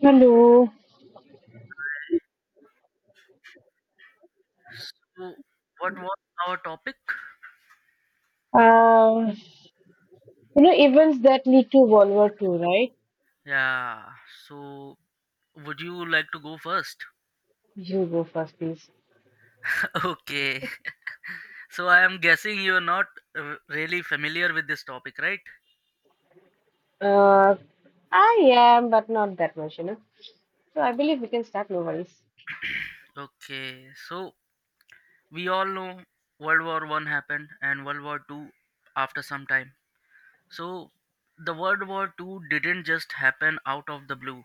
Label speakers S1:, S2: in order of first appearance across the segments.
S1: Hello.
S2: So, what was our topic?
S1: Um, events that lead to World War Two, right?
S2: Yeah. So, would you like to go first?
S1: You go first, please.
S2: Okay. So, I am guessing you're not really familiar with this topic, right?
S1: Uh, I am, but not that much. So I believe we can start, no worries.
S2: Okay. So, we all know World War I happened and World War II after some time. So, the World War II didn't just happen out of the blue.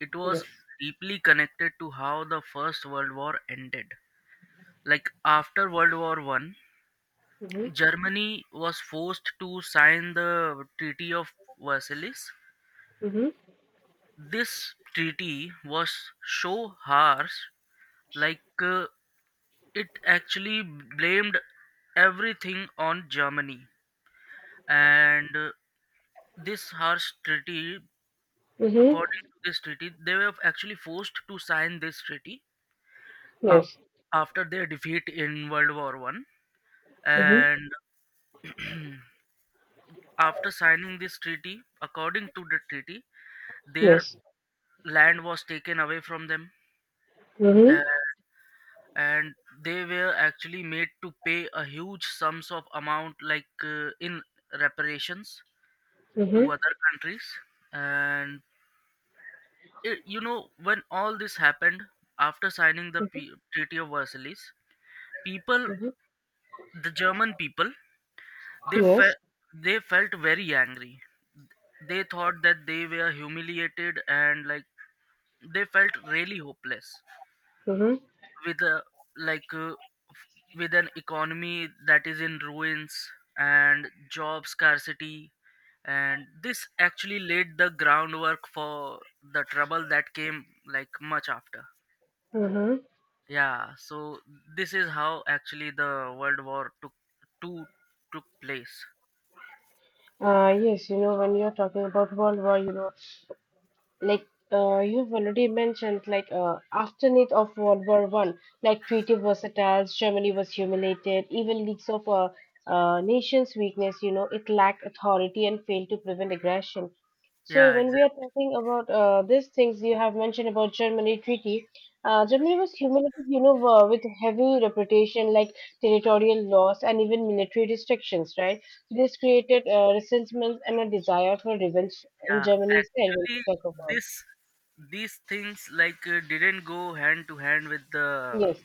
S2: It was
S1: Yes.
S2: deeply connected to how the First World War ended. Like after World War I,
S1: Mm-hmm.
S2: Germany was forced to sign the Treaty of Versailles.
S1: Mm-hmm.
S2: This treaty was so harsh, like it actually blamed everything on Germany. And this harsh treaty,
S1: Mm-hmm.
S2: according to this treaty, they were actually forced to sign this treaty uh,
S1: Yes.
S2: after their defeat in World War I.
S1: Mm-hmm.
S2: And after signing this treaty, according to the treaty, their
S1: Yes.
S2: land was taken away from them,
S1: Mm-hmm.
S2: uh, and they were actually made to pay a huge sums of amount, like in reparations to
S1: Mm-hmm.
S2: other countries, and you know, when all this happened after signing the Treaty of Versailles, people
S1: Mm-hmm.
S2: the German people, they
S1: Yes.
S2: fe- they felt very angry. They thought that they were humiliated, and, like, they felt really hopeless,
S1: Mm-hmm.
S2: with a like f- with an economy that is in ruins and job scarcity, and this actually laid the groundwork for the trouble that came, like, much after.
S1: Mm-hmm.
S2: Yeah, so this is how actually the World War took Two took place.
S1: Yes, you know, when you're talking about World War. Like you've already mentioned, like aftermath of World War One, like Treaty Versatiles, Germany was humiliated, even leaks of a nation's weakness, you know. It lacked authority and failed to prevent aggression. So
S2: Yeah,
S1: when we are
S2: exactly.
S1: talking about these things you have mentioned about Germany treaty, Germany was humiliated, you know, with heavy reputation, like territorial loss and even military restrictions, right? This created resentment and a desire for revenge in
S2: Yeah,
S1: Germany itself, when
S2: actually,
S1: we talk about.
S2: this these things, like didn't go hand to hand with the
S1: Yes,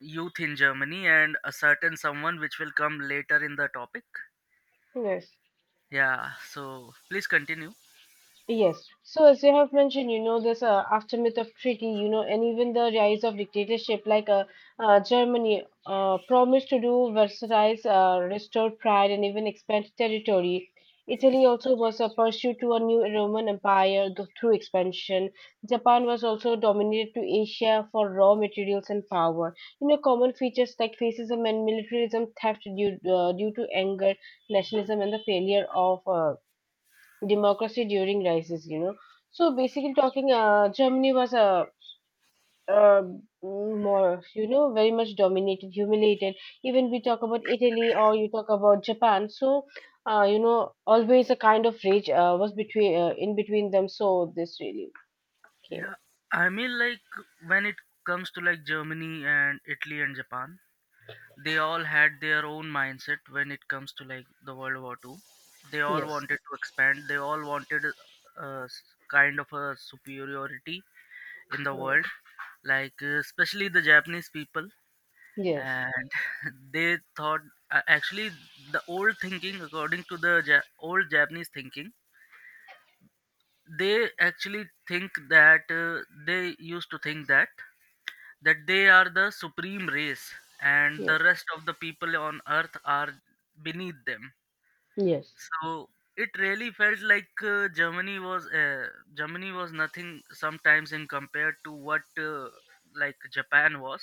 S2: youth in Germany and a certain someone which will come later in the topic.
S1: yes.
S2: Yeah, so please continue.
S1: Yes. So as you have mentioned, you know, this aftermath of treaty, you know, and even the rise of dictatorship, like Germany promised to do Versailles, restore pride and even expand territory. Italy also was a pursuit to a new Roman Empire through expansion. Japan was also dominated to Asia for raw materials and power. You know, common features like fascism and militarism, theft due, due to anger, nationalism, and the failure of democracy during crisis. So basically, talking, Germany was a uh, uh, more, you know, very much dominated, humiliated. Even we talk about Italy or you talk about Japan. So, you know, always a kind of rage was between in between them. So this really came up.
S2: Yeah, I mean, like, when it comes to, like, Germany and Italy and Japan, they all had their own mindset when it comes to, like, the World War II. They all
S1: Yes.
S2: wanted to expand, they all wanted kind of a superiority in the
S1: Mm.
S2: world, like especially the Japanese people,
S1: Yes.
S2: and they thought, actually, the old thinking according to the old Japanese thinking, they actually think that, they used to think that they are the supreme race, and
S1: Yes.
S2: the rest of the people on earth are beneath them.
S1: Yes.
S2: So it really felt like, Germany was nothing sometimes in compared to what, like, Japan was.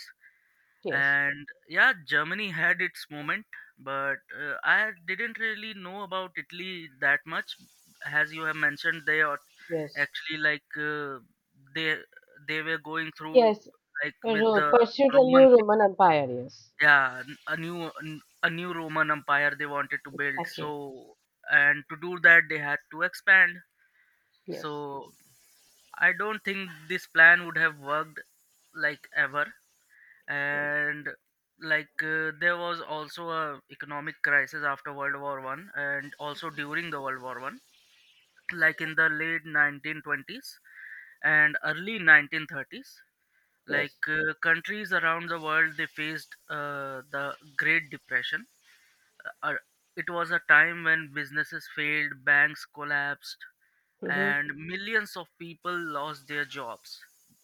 S1: Yes.
S2: And yeah, Germany had its moment, but I didn't really know about Italy that much, as you have mentioned they are
S1: Yes.
S2: actually, like they they were going through,
S1: Yes.
S2: like, with the
S1: Pursued a new
S2: Roman thing.
S1: Roman Empire. Yes.
S2: Yeah, a new Roman Empire they wanted to build, so
S1: Exactly.
S2: and to do that they had to expand. So
S1: Yes.
S2: I don't think this plan would have worked, like, ever. And, like, there was also a economic crisis after world war I and also during the world war I, like, in the late 1920s and early 1930s,
S1: Yes.
S2: like countries around the world, they faced the Great Depression. uh, uh, it was a time when businesses failed, banks collapsed,
S1: Mm-hmm.
S2: and millions of people lost their jobs,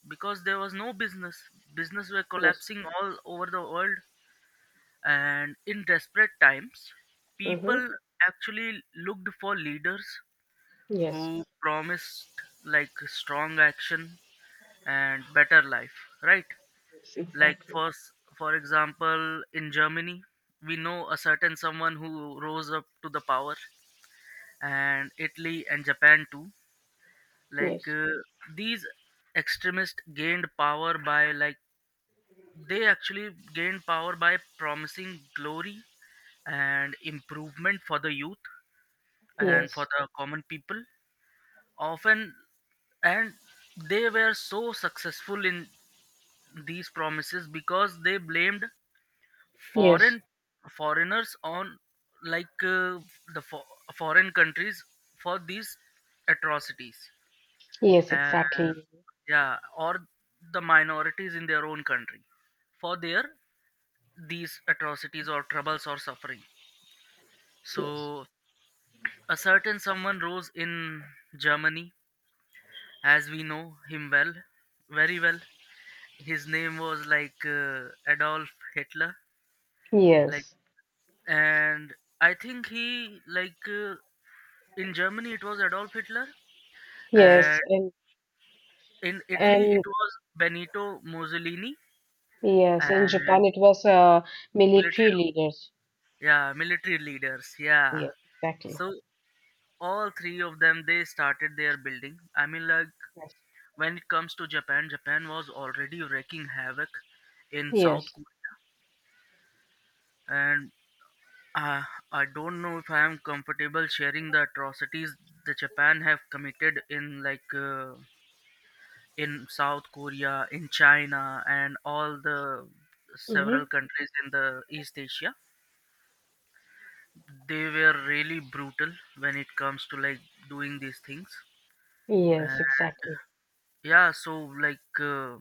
S2: because there was no business. Business were
S1: Yes.
S2: collapsing all over the world. And in desperate times,
S1: Mm-hmm.
S2: people actually looked for leaders
S1: Yes.
S2: who promised, like, strong action and better life, right?
S1: Yes,
S2: Like,
S1: exactly.
S2: for example, in Germany, we know a certain someone who rose up to the power, and Italy and Japan too, like,
S1: Yes,
S2: these extremists gained power by, like, they actually gained power by promising glory and improvement for the youth and for
S1: yes,
S2: the common people. Often, and they were so successful in these promises because they blamed
S1: yes,
S2: foreign foreigners, on, like, the foreign countries for these atrocities,
S1: yes, exactly.
S2: and yeah, or the minorities in their own country for their these atrocities or troubles or suffering. So, a certain someone rose in Germany, as we know him well, very well. His name was, like, Adolf Hitler, like,
S1: Yes,
S2: and I think he, like, in Germany it was Adolf Hitler,
S1: yes,
S2: and
S1: and
S2: in Italy it
S1: and
S2: was Benito Mussolini,
S1: yes, in Japan
S2: and
S1: it was military
S2: military,
S1: leaders.
S2: yeah, military leaders, yeah.
S1: Yes, exactly.
S2: So all three of them they started their building. I mean, like,
S1: Yes,
S2: when it comes to Japan, Japan was already wreaking havoc in South
S1: yes,
S2: Korea, and uh, I don't know if I am comfortable sharing the atrocities that Japan have committed in, like, in South Korea, in China, and all the
S1: mm-hmm.
S2: several countries in the East Asia. They were really brutal when it comes to, like, doing these things.
S1: Yes,
S2: And
S1: exactly.
S2: yeah, so like.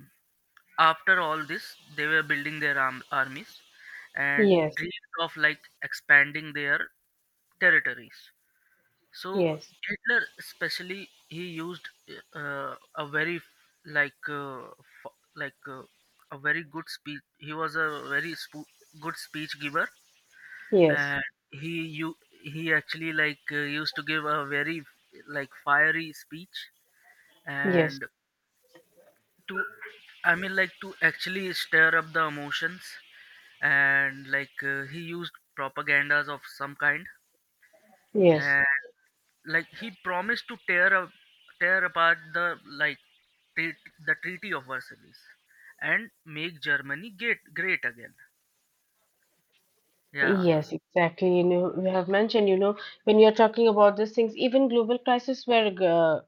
S2: After all this, they were building their armies and
S1: Yes,
S2: dreamed of, like, expanding their territories, so
S1: yes,
S2: Hitler especially, he used a very like f- like a very good speech. He was a very good speech giver,
S1: yes,
S2: and he you he actually, like, used to give a very, like, fiery speech,
S1: yes,
S2: and to I mean, like, to actually stir up the emotions, and, like, he used propagandas of some kind,
S1: yes,
S2: and, like, he promised to tear apart, treat, the Treaty of Versailles, and make Germany great, great again, yeah.
S1: Yes, exactly. You know, we have mentioned, you know, when you're talking about these things, even global crisis were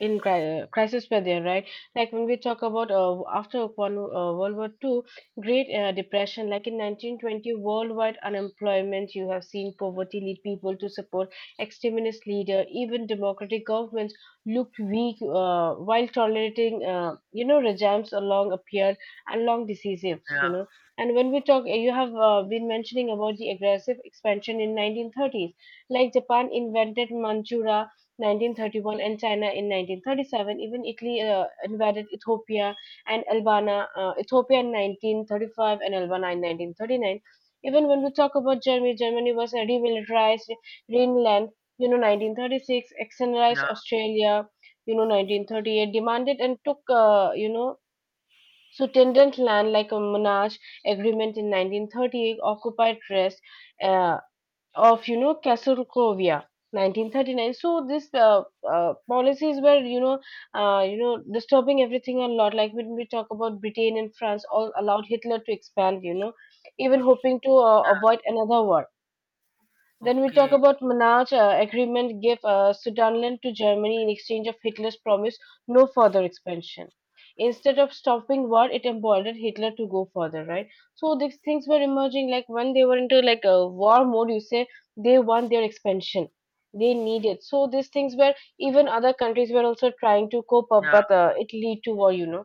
S1: in cri crisis were there, right? Like when we talk about after one, World War Two, Great Depression, like in 1920, worldwide unemployment, you have seen poverty lead people to support extremist leader. Even democratic governments looked weak while tolerating, you know, regimes along appeared and long diseases, you
S2: Yeah,
S1: know. And when we talk, you have been mentioning about the aggressive expansion in 1930s, like Japan invented Manchuria 1931 and China in 1937. Even Italy invaded Ethiopia and Albania, Ethiopia in 1935 and Albania in 1939. Even when we talk about Germany, Germany was remilitarized Greenland, you know, 1936, externalized
S2: yeah,
S1: Australia, you know, 1938, demanded and took, you know, Sutendant land like a Monash agreement in 1938 occupied rest uh, of, you know, Castelcovia 1939. So this policies were, you know, you know, disturbing everything a lot, like when we talk about Britain and France all allowed Hitler to expand, you know, even hoping to
S2: yeah,
S1: avoid another war. Then we talk
S2: Okay.
S1: about Manaus agreement gave Sudetenland to Germany in exchange of Hitler's promise no further expansion. Instead of stopping war, it emboldened Hitler to go further, right? So these things were emerging, like when they were into like a war mode, you say they want their expansion. They need it. So these things were, even other countries were also trying to cope up,
S2: Yeah.
S1: but it lead to war, you know.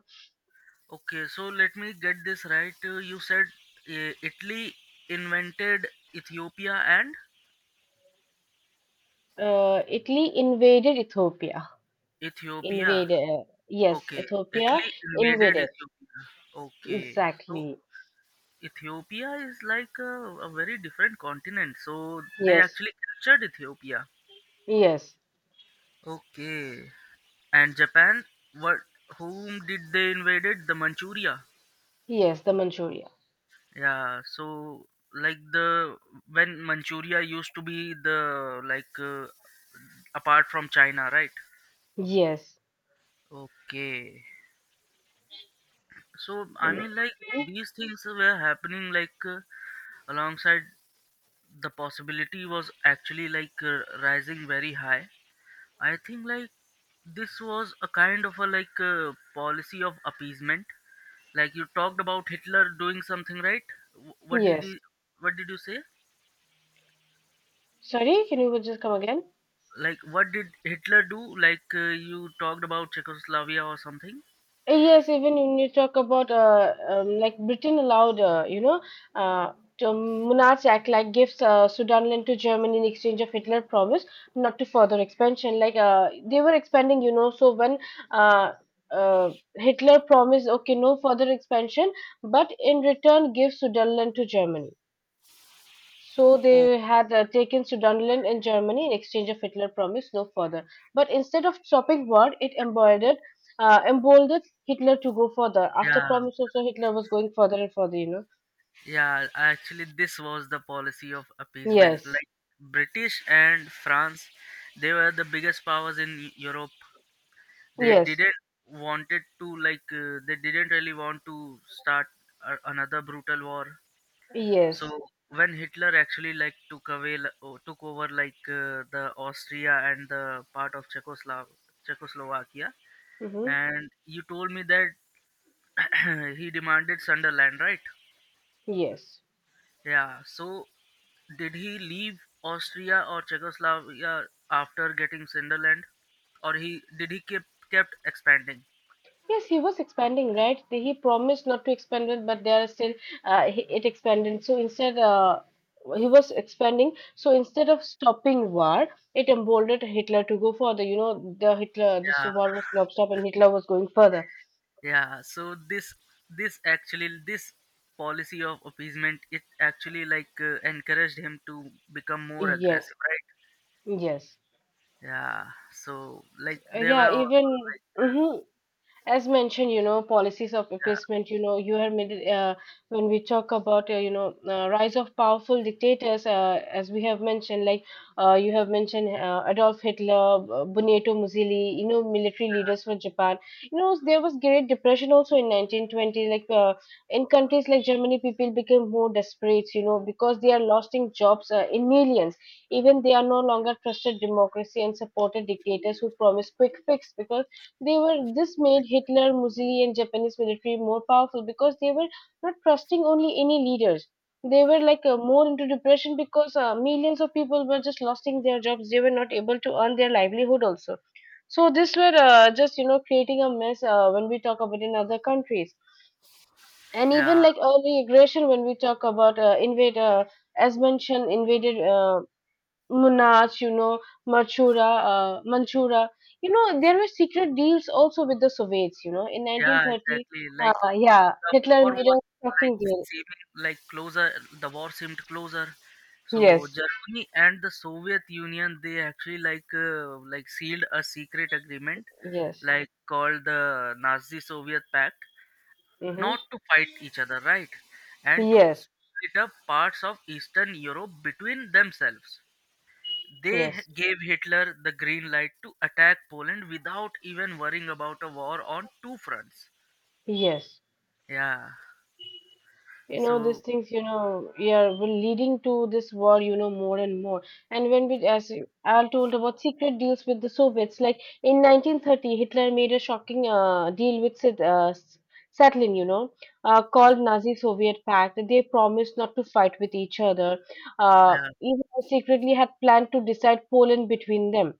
S2: Okay, so let me get this right. You said, Italy invented Ethiopia, and
S1: Italy invaded Ethiopia.
S2: Ethiopia.
S1: Invaded. Yes,
S2: Okay,
S1: Ethiopia
S2: Italy invaded
S1: invaded.
S2: Ethiopia. Okay, so
S1: Exactly.
S2: Ethiopia is like a very different continent, so they
S1: Yes,
S2: actually captured Ethiopia.
S1: yes,
S2: Okay. And Japan, what? Whom did they invaded? The Manchuria.
S1: yes, the Manchuria.
S2: Yeah. So, like, the when Manchuria used to be, the, like, apart from China, right?
S1: Yes,
S2: Okay. So I mean, like, these things were happening, like, alongside, the possibility was actually, like, rising very high. I think, like, this was a kind of a, like, a policy of appeasement. Like, you talked about Hitler doing something, right? What did
S1: yes.
S2: he? What did you say?
S1: Sorry, can you just come again?
S2: Like, what did Hitler do? Like, you talked about Czechoslovakia or something.
S1: Yes, even when you talk about like Britain allowed, you know, uh, to Monarchs Act, like gives Sudanland to Germany in exchange of Hitler promise not to further expansion. Like they were expanding, you know. So when uh, Hitler promised, okay, no further expansion, but in return give Sudanland to Germany. So
S2: Oh,
S1: they had taken Sudetenland in Germany in exchange of Hitler promised no further. But instead of stopping war, it emboldened Hitler to go further. After
S2: yeah,
S1: promise also, Hitler was going further and further. You know.
S2: yeah. Actually, this was the policy of appeasement.
S1: Yes.
S2: Like, British and France, they were the biggest powers in Europe, they
S1: Yes.
S2: didn't they didn't really want to start another brutal war. So
S1: Yes.
S2: when Hitler actually, like, took away l- o- took over, like, the Austria and the part of Czechoslovakia,
S1: Hmm.
S2: and you told me that he demanded Sunderland, right?
S1: Yes.
S2: Yeah, so did he leave Austria or Czechoslovakia after getting Sunderland, or he did he keep kept expanding?
S1: Yes, he was expanding, right? He promised not to expand it, but they are still it expanded. So instead, he was expanding. So instead of stopping war, it emboldened Hitler to go further. You know, the Hitler this
S2: Yeah,
S1: war was not stopped, and Hitler was going further.
S2: yeah, so this policy of appeasement, it actually, like, encouraged him to become more
S1: Yes,
S2: aggressive, right?
S1: yes.
S2: Yeah, so, like, they were
S1: Yeah.
S2: also,
S1: Even
S2: like.
S1: as mentioned, you know, policies of
S2: Yeah
S1: effacement, you know, you have made it, when we talk about you know, rise of powerful dictators, as we have mentioned, like you have mentioned Adolf Hitler, Benito Mussolini, you know, military leaders for Japan. You know, there was great depression also in 1920, like in countries like Germany people became more desperate, you know, because they are losing jobs in millions, even they are no longer trusted democracy and supported dictators who promise quick fix, because they were. This made Hitler, Mussolini and Japanese military more powerful because they were not trusting only any leaders. They were like more into depression because millions of people were just losing their jobs. They were not able to earn their livelihood also. So this were just, you know, creating a mess, when we talk about in other countries, and even
S2: yeah.
S1: like early aggression when we talk about invade as mentioned invaded, Munach, you know, Machura, Manchura. You know, there were secret deals also with the Soviets, you know. In
S2: Yeah,
S1: 1930,
S2: exactly, like,
S1: yeah,
S2: the war
S1: Hitler made
S2: was
S1: a
S2: like
S1: shocking deal.
S2: seeming like closer the war seemed closer. So
S1: Yes,
S2: Germany and the Soviet Union, they actually, like, like, sealed a secret agreement,
S1: yes,
S2: like called the Nazi Soviet Pact,
S1: mm-hmm.
S2: not to fight each other, right? And to
S1: Yes,
S2: split up parts of Eastern Europe between themselves. They
S1: yes,
S2: gave Hitler the green light to attack Poland without even worrying about a war on two fronts.
S1: yes.
S2: Yeah.
S1: You know these
S2: So,
S1: things, you know, yeah, will leading to this war, you know, more and more. And when we as al told about secret deals with the Soviets, like in 1930 Hitler made a shocking deal with Stalin, you know, called Nazi Soviet Pact. They promised not to fight with each other.
S2: yeah,
S1: Even though secretly had planned to decide Poland between them.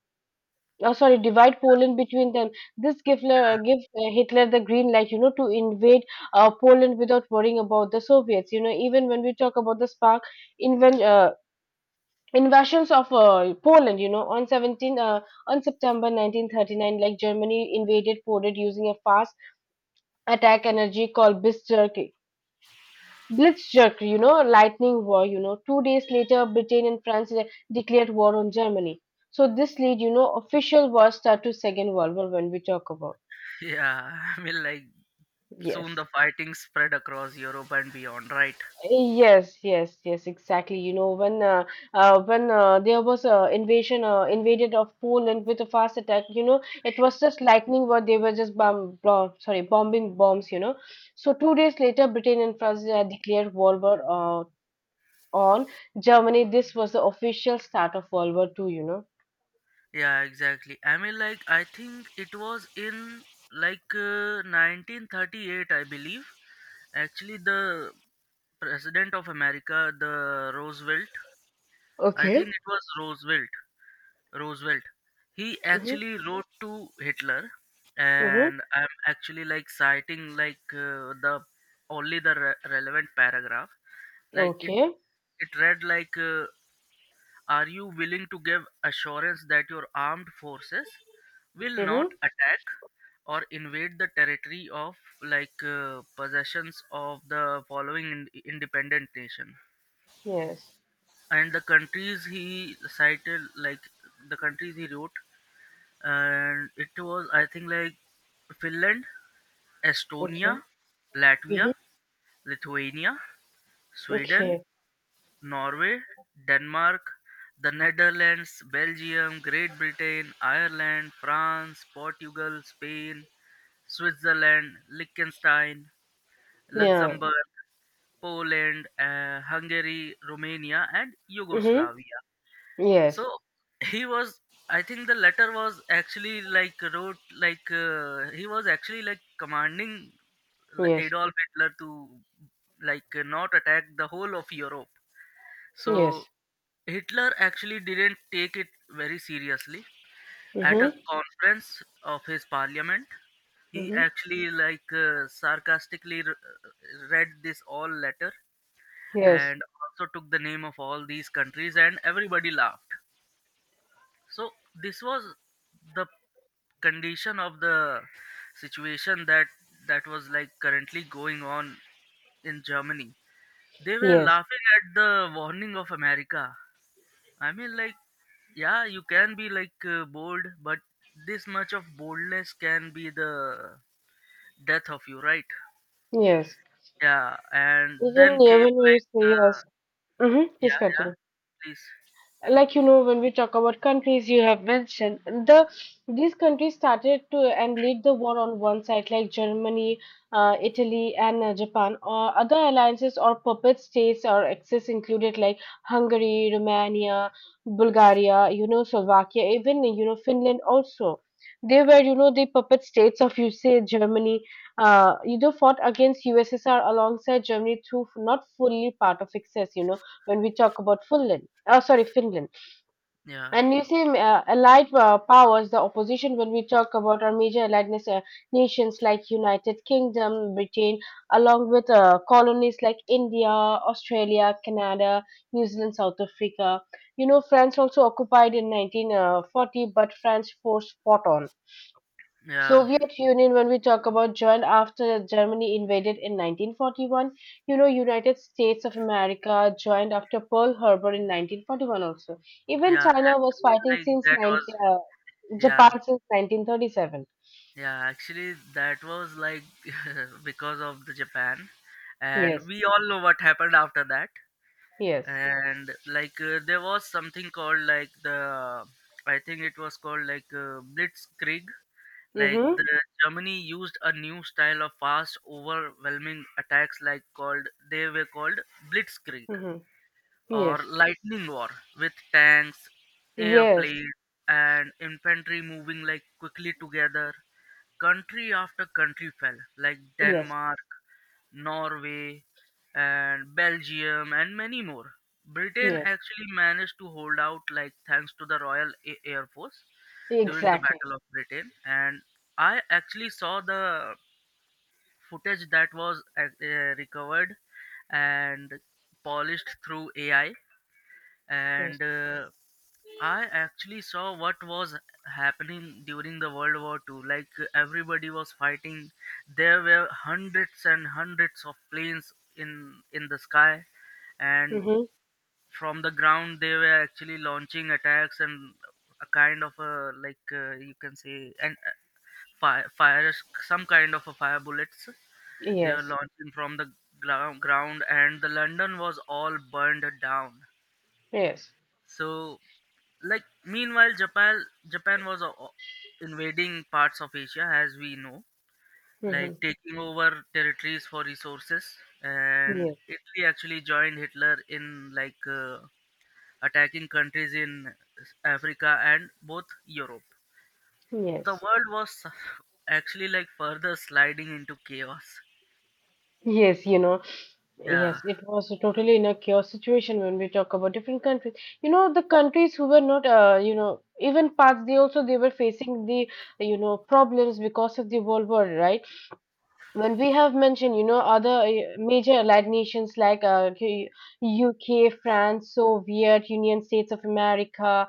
S1: Oh, sorry, divide Poland between them. This give, Hitler the green light, you know, to invade Poland without worrying about the Soviets. You know, even when we talk about the spark, inven invasions of Poland, you know, on 17, on September 1939, like Germany invaded Poland using a fast attack energy called Bismarck. Blitzkrieg, you know, lightning war, you know. 2 days later, Britain and France declared war on Germany. So this lead, you know, official war start to Second World War when we talk about.
S2: yeah. Yeah. I mean, like, soon
S1: Yes.
S2: the fighting spread across Europe and beyond, right?
S1: Yes, yes, yes, exactly. You know, when there was a invasion, invaded of Poland with a fast attack, you know, it was just lightning what they were just bombing bombs, you know. So 2 days later, Britain and France declared World War on Germany. This was the official start of World War Two.
S2: Yeah, exactly. I mean, like, I think it was in, like, 1938, I believe. Actually, the President of America, the Roosevelt. I
S1: Okay.
S2: think it was Roosevelt. Roosevelt. He
S1: Mm-hmm.
S2: actually wrote to Hitler,
S1: Mm-hmm.
S2: and I'm actually, like, citing, like, the relevant paragraph. Like, it,
S1: Okay.
S2: it read like, "Are you willing to give assurance that your armed forces will not
S1: Mm-hmm.
S2: attack or invade the territory of, like, possessions of the following independent nation?"
S1: Yes.
S2: And the countries he cited, like, the countries he wrote, and it was, I think, like, Finland, Estonia,
S1: Okay.
S2: Latvia,
S1: Mm-hmm.
S2: Lithuania, Sweden,
S1: Okay.
S2: Norway, Denmark, the Netherlands, Belgium, Great Britain, Ireland, France, Portugal, Spain, Switzerland, Liechtenstein,
S1: Yeah.
S2: Luxembourg, Poland, Hungary, Romania, and
S1: Mm-hmm.
S2: Yugoslavia. So,
S1: Yes.
S2: he was I think the letter was actually, like, wrote, like, he was actually, like, commanding, like,
S1: Yes.
S2: Adolf Hitler to, like, not attack the whole of Europe. So
S1: Yes.
S2: Hitler actually didn't take it very seriously. At a
S1: Mm-hmm.
S2: conference of his parliament, he
S1: Mm-hmm.
S2: actually, like, sarcastically read this all letter,
S1: Yes.
S2: and also took the name of all these countries, and everybody laughed. So this was the condition of the situation that was, like, currently going on in Germany. They were
S1: Yes.
S2: laughing at the warning of America. I mean, like, yeah, you can be, like, bold, but this much of boldness can be the death of you, right?
S1: Yes.
S2: Yeah, and
S1: Even
S2: then came,
S1: even you
S2: like,
S1: say
S2: the.
S1: yes. Mm-hmm.
S2: Yeah,
S1: Please
S2: yeah,
S1: continue.
S2: please.
S1: Like, you know, when we talk about countries you have mentioned, the these countries started to and lead the war on one side, like Germany, Italy, and Japan or other alliances or puppet states or axis included, like Hungary, Romania, Bulgaria, you know, Slovakia, even, you know, Finland also. They were, you know, the puppet states of, you say, Germany, you know, fought against USSR alongside Germany through not fully part of excess, you know, when we talk about Finland. Oh, sorry, Finland.
S2: Yeah,
S1: And you see allied powers the opposition, when we talk about our major allied nations like United Kingdom, Britain, along with colonies like India, Australia, Canada, New Zealand, South Africa, you know, France also occupied in 1940. But France force fought on
S2: yeah,
S1: Soviet Union, when we talk about, joined after Germany invaded in 1941. You know, United States of America joined after Pearl Harbor in 1941 also. Even
S2: yeah,
S1: China was
S2: actually,
S1: fighting
S2: like,
S1: since
S2: that was.
S1: 19,
S2: Yeah.
S1: Japan since 1937.
S2: Yeah, actually, that was like because of the Japan, and
S1: Yes,
S2: we all know what happened after that.
S1: yes.
S2: And, like, there was something called, like, I think it was called, like, Blitzkrieg. Like
S1: Mm-hmm,
S2: the Germany used a new style of fast, overwhelming attacks, like called they were called Blitzkrieg
S1: mm-hmm.
S2: or
S1: Yes,
S2: lightning war with tanks,
S1: yes,
S2: airplanes, and infantry moving like quickly together. Country after country fell, like
S1: yes,
S2: Denmark, Norway, and Belgium, and many more. Britain
S1: yes.
S2: actually managed to hold out, like thanks to the Royal Air Force during the
S1: Exactly.
S2: Battle of Britain, and I actually saw the footage that was recovered and polished through AI
S1: Yes.
S2: and I actually saw what was happening during the World War II. Like everybody was fighting, there were hundreds and hundreds of planes in the sky, and
S1: Mm-hmm.
S2: from the ground they were actually launching attacks, and a kind of a like you can say, and fire some kind of a fire bullets they were
S1: Yes,
S2: launching from the ground, and the London was all burned down.
S1: yes.
S2: So, like, meanwhile, Japan was invading parts of Asia, as we know, like
S1: Mm-hmm.
S2: taking over territories for resources. And
S1: Yes,
S2: Italy actually joined Hitler in like attacking countries in Africa and both Europe. The
S1: yes.
S2: world was actually like further sliding into chaos.
S1: Yes.
S2: Yeah,
S1: Yes, it was totally in a chaos situation when we talk about different countries. You know, the countries who were not, you know, even parts, they also they were facing the, you know, problems because of the World War, right? When we have mentioned, you know, other major allied nations like UK, France, Soviet Union, States of America,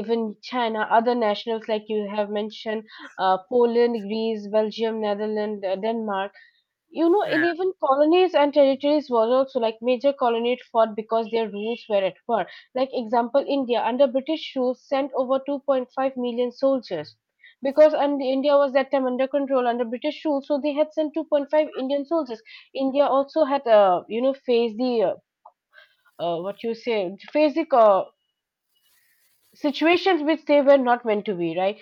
S1: even China, other nationals like you have mentioned, Poland, Greece, Belgium, Netherlands, Denmark. You know, in
S2: yeah,
S1: even colonies and territories were also like major colonies fought because their rules were at war. Like example, India under British rule sent over 2.5 million soldiers because and India was that time under control under British rule, so they had sent 2.5 Indian soldiers. India also had you know faced the what you say faced the situations which they were not meant to be, right?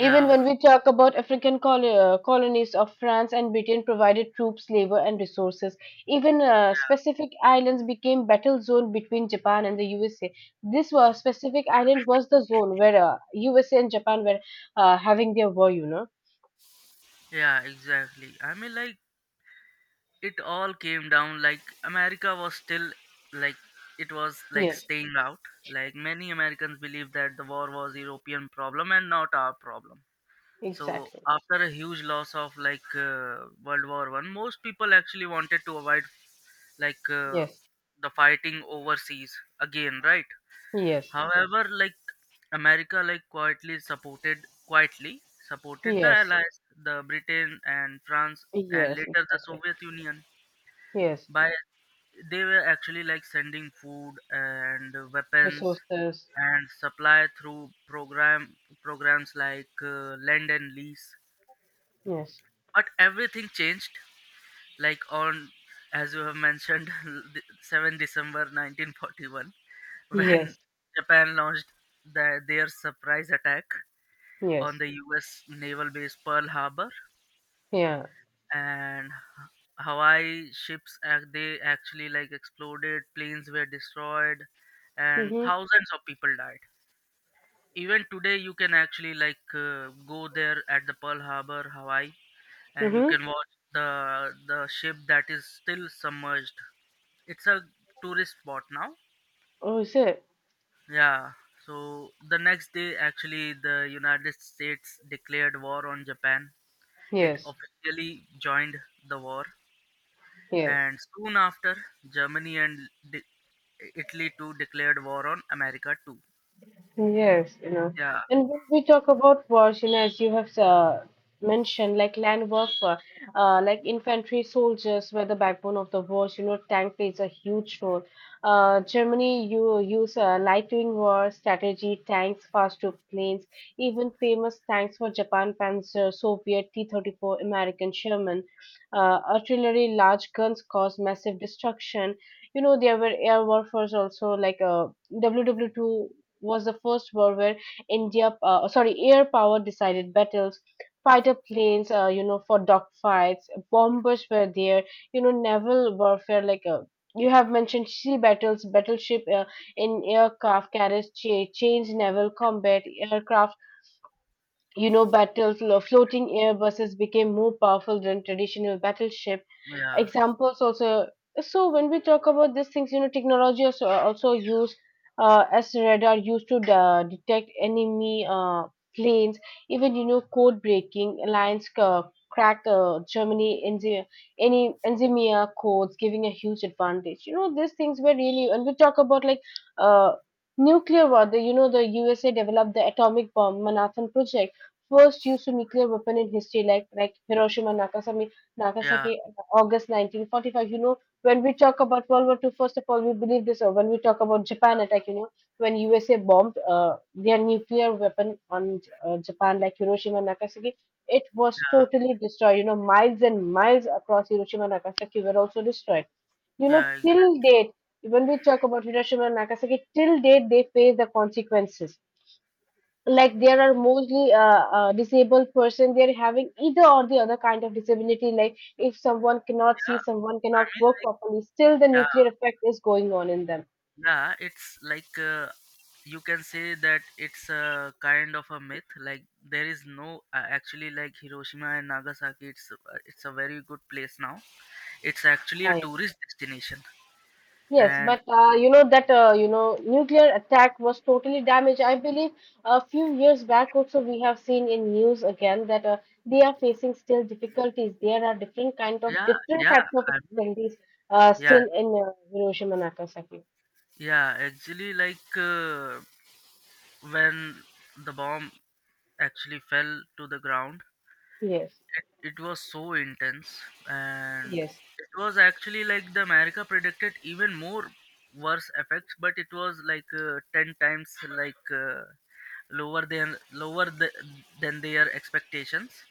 S1: Even when we talk about African colonies of France and Britain provided troops, labor, and resources. Even specific islands became battle zone between Japan and the USA. This was specific island was the zone where USA and Japan were having their war. You know.
S2: yeah, exactly. I mean, like, it all came down, like, America was still, like, it was like
S1: Yes.
S2: staying out. Like many Americans believed that the war was European problem and not our problem. So
S1: Exactly.
S2: after a huge loss of like World War I, most people actually wanted to avoid like
S1: Yes.
S2: the fighting overseas again, right?
S1: Yes.
S2: However, like, America, like, quietly supported the
S1: Yes.
S2: allies, the Britain and France, and
S1: Yes.
S2: later the
S1: Exactly.
S2: Soviet Union
S1: Yes.
S2: by, they were actually like sending food and weapons
S1: Resources.
S2: and supply through programs like Lend and Lease.
S1: Yes.
S2: But everything changed, like, on, as you have mentioned, 7 December 1941, when
S1: Yes.
S2: Japan launched their surprise attack on
S1: Yes.
S2: the US naval base Pearl Harbor,
S1: Yeah.
S2: and Ha- Hawaii, ships they actually like exploded, planes were destroyed, and
S1: Mhm.
S2: thousands of people died. Even today, you can actually like go there at the Pearl Harbor, Hawaii, and you
S1: Mhm.
S2: can watch the ship that is still submerged. It's a tourist spot now.
S1: Oh, is it?
S2: Yeah. So the next day, actually, the United States declared war on Japan. It
S1: Yes.
S2: officially joined the war.
S1: Yes.
S2: And soon after, Germany and de- Italy too declared war on America too.
S1: Yes, you know.
S2: Yeah,
S1: And when we talk about wars, you know, as you have mentioned, like land warfare, like infantry soldiers were the backbone of the wars. You know, tank plays a huge role. Germany, you use light wing war strategy, tanks, fast troop planes, even famous tanks for Japan Panzer, Soviet T-34, American Sherman. Artillery, large guns caused massive destruction. You know, there were air warfares also, like WW2 was the first war where sorry, air power decided battles. Fighter planes, you know, for dogfights, bombers were there. You know, naval warfare like you have mentioned sea battles, battleship in aircraft carriage, changed naval combat aircraft. You know, battles, floating airbuses became more powerful than traditional battleship
S2: yeah,
S1: examples also. So when we talk about these things, you know, technology also used as radar used to detect enemy planes. Even you know code breaking alliance cracked Germany any enzymia codes giving a huge advantage. You know these things were really, and we talk about like uh, nuclear war. The you know the USA developed the atomic bomb Manhattan Project, first use of nuclear weapon in history like Hiroshima and nagasaki
S2: yeah,
S1: Nagasaki, August 1945. You know, when we talk about World War Two, first of all, we believe this. Or when we talk about Japan attack, you know, when USA bombed their nuclear weapon on Japan, like Hiroshima and Nagasaki, it was
S2: yeah,
S1: totally destroyed. You know, miles and miles across Hiroshima and Nagasaki were also destroyed. You know,
S2: yeah,
S1: till date, when we talk about Hiroshima and Nagasaki, till date they face the consequences like there are mostly disabled person they're having, either or the other kind of disability, like if someone cannot see,
S2: yeah.
S1: someone
S2: I
S1: cannot
S2: mean,
S1: work
S2: like,
S1: properly. Still the
S2: yeah,
S1: nuclear effect is going on in them.
S2: yeah. It's like you can say that it's a kind of a myth. Like, there is no actually, like, Hiroshima and Nagasaki. It's a very good place now. It's actually a
S1: I,
S2: tourist destination.
S1: yes
S2: And
S1: but you know that nuclear attack was totally damaged, I believe. A few years back also we have seen in news again that they are facing still difficulties. There are
S2: yeah,
S1: different
S2: yeah.
S1: types of
S2: I mean,
S1: difficulties,
S2: yeah,
S1: still in Hiroshima, Nagasaki.
S2: yeah. Actually, like when the bomb actually fell to the ground.
S1: Yes,
S2: It was so intense, and
S1: yes.
S2: it was actually like the America predicted even more worse effects, but it was like ten times like lower than their expectations.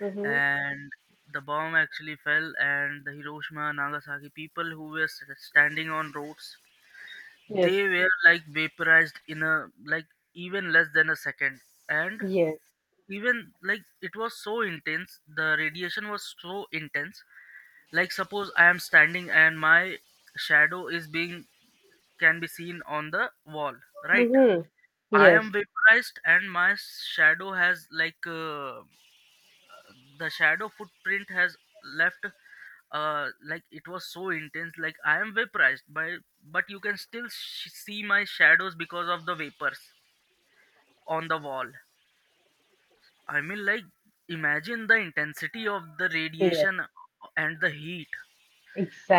S1: mm-hmm.
S2: And the bomb actually fell, and the Hiroshima, Nagasaki people who were standing on roads,
S1: Yes.
S2: they were like vaporized in a like even less than a second. And
S1: Yes.
S2: even like it was so intense, the radiation was so intense, like suppose I am standing and my shadow is being, can be seen on the wall, right?
S1: Hmm.
S2: I am
S1: Yes.
S2: vaporized and my shadow has like the shadow footprint has left. Like it was so intense, like I am vaporized by, but you can still see my shadows because of the vapors on the wall. I mean, like, imagine the intensity of the
S1: Yes.
S2: radiation and the heat.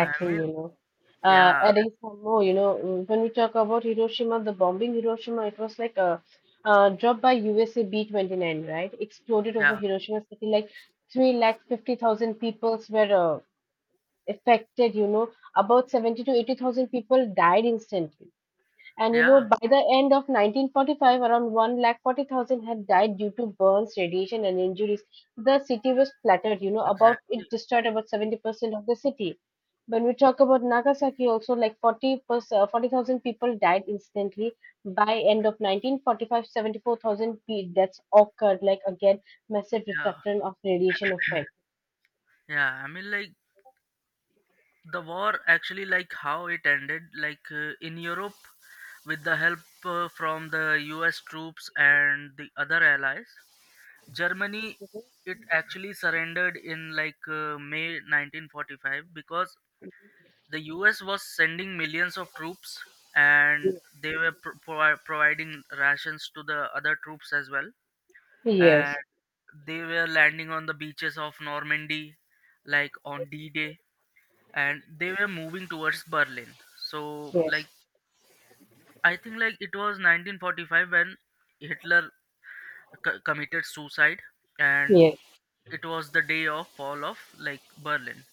S2: I mean,
S1: You know,
S2: yeah,
S1: adding some more. You know, when we talk about Hiroshima, the bombing Hiroshima, it was like a dropped by USA B-29, right? Exploded over
S2: yeah,
S1: Hiroshima city. Like 3 lakh 50,000 people were affected. You know, about seventy to eighty thousand people died instantly. And you know,
S2: yeah,
S1: by the end of 1945, around 1,40,000 had died due to burns, radiation, and injuries. The city was flattered, you know, about
S2: exactly.
S1: it destroyed about 70% of the city. When we talk about Nagasaki, also like 40%, 40,000 people died instantly. By end of 1945, 74,000 deaths occurred, like again, massive
S2: Yeah,
S1: destruction of radiation effect.
S2: yeah. I mean, like, the war actually, like, how it ended, like, in Europe, with the help from the US troops and the other allies. Germany, it actually surrendered in, like, May 1945, because the US was sending millions of troops, and
S1: Yes,
S2: they were providing rations to the other troops as well, and
S1: yes,
S2: they were landing on the beaches of Normandy, like on D-Day, and they were moving towards Berlin. So, like, I think like it was 1945 when Hitler committed suicide, and
S1: yes.
S2: it was the day of fall of like Berlin.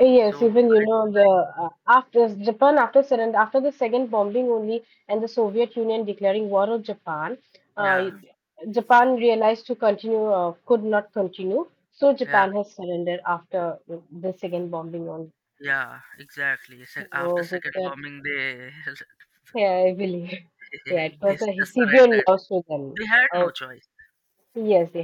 S1: Yes,
S2: So
S1: even you know the after Japan after surrender after the second bombing only and the Soviet Union declaring war on Japan, uh,
S2: yeah,
S1: Japan realized to continue could not continue, so
S2: yeah,
S1: Japan has surrendered after the second bombing only.
S2: yeah, exactly. After
S1: So with
S2: second
S1: that,
S2: bombing, they
S1: yeah, I believe, yeah, it
S2: they
S1: was a
S2: just
S1: severe
S2: surrendered.
S1: loss to them.
S2: They had no
S1: Oh,
S2: choice.
S1: yes, they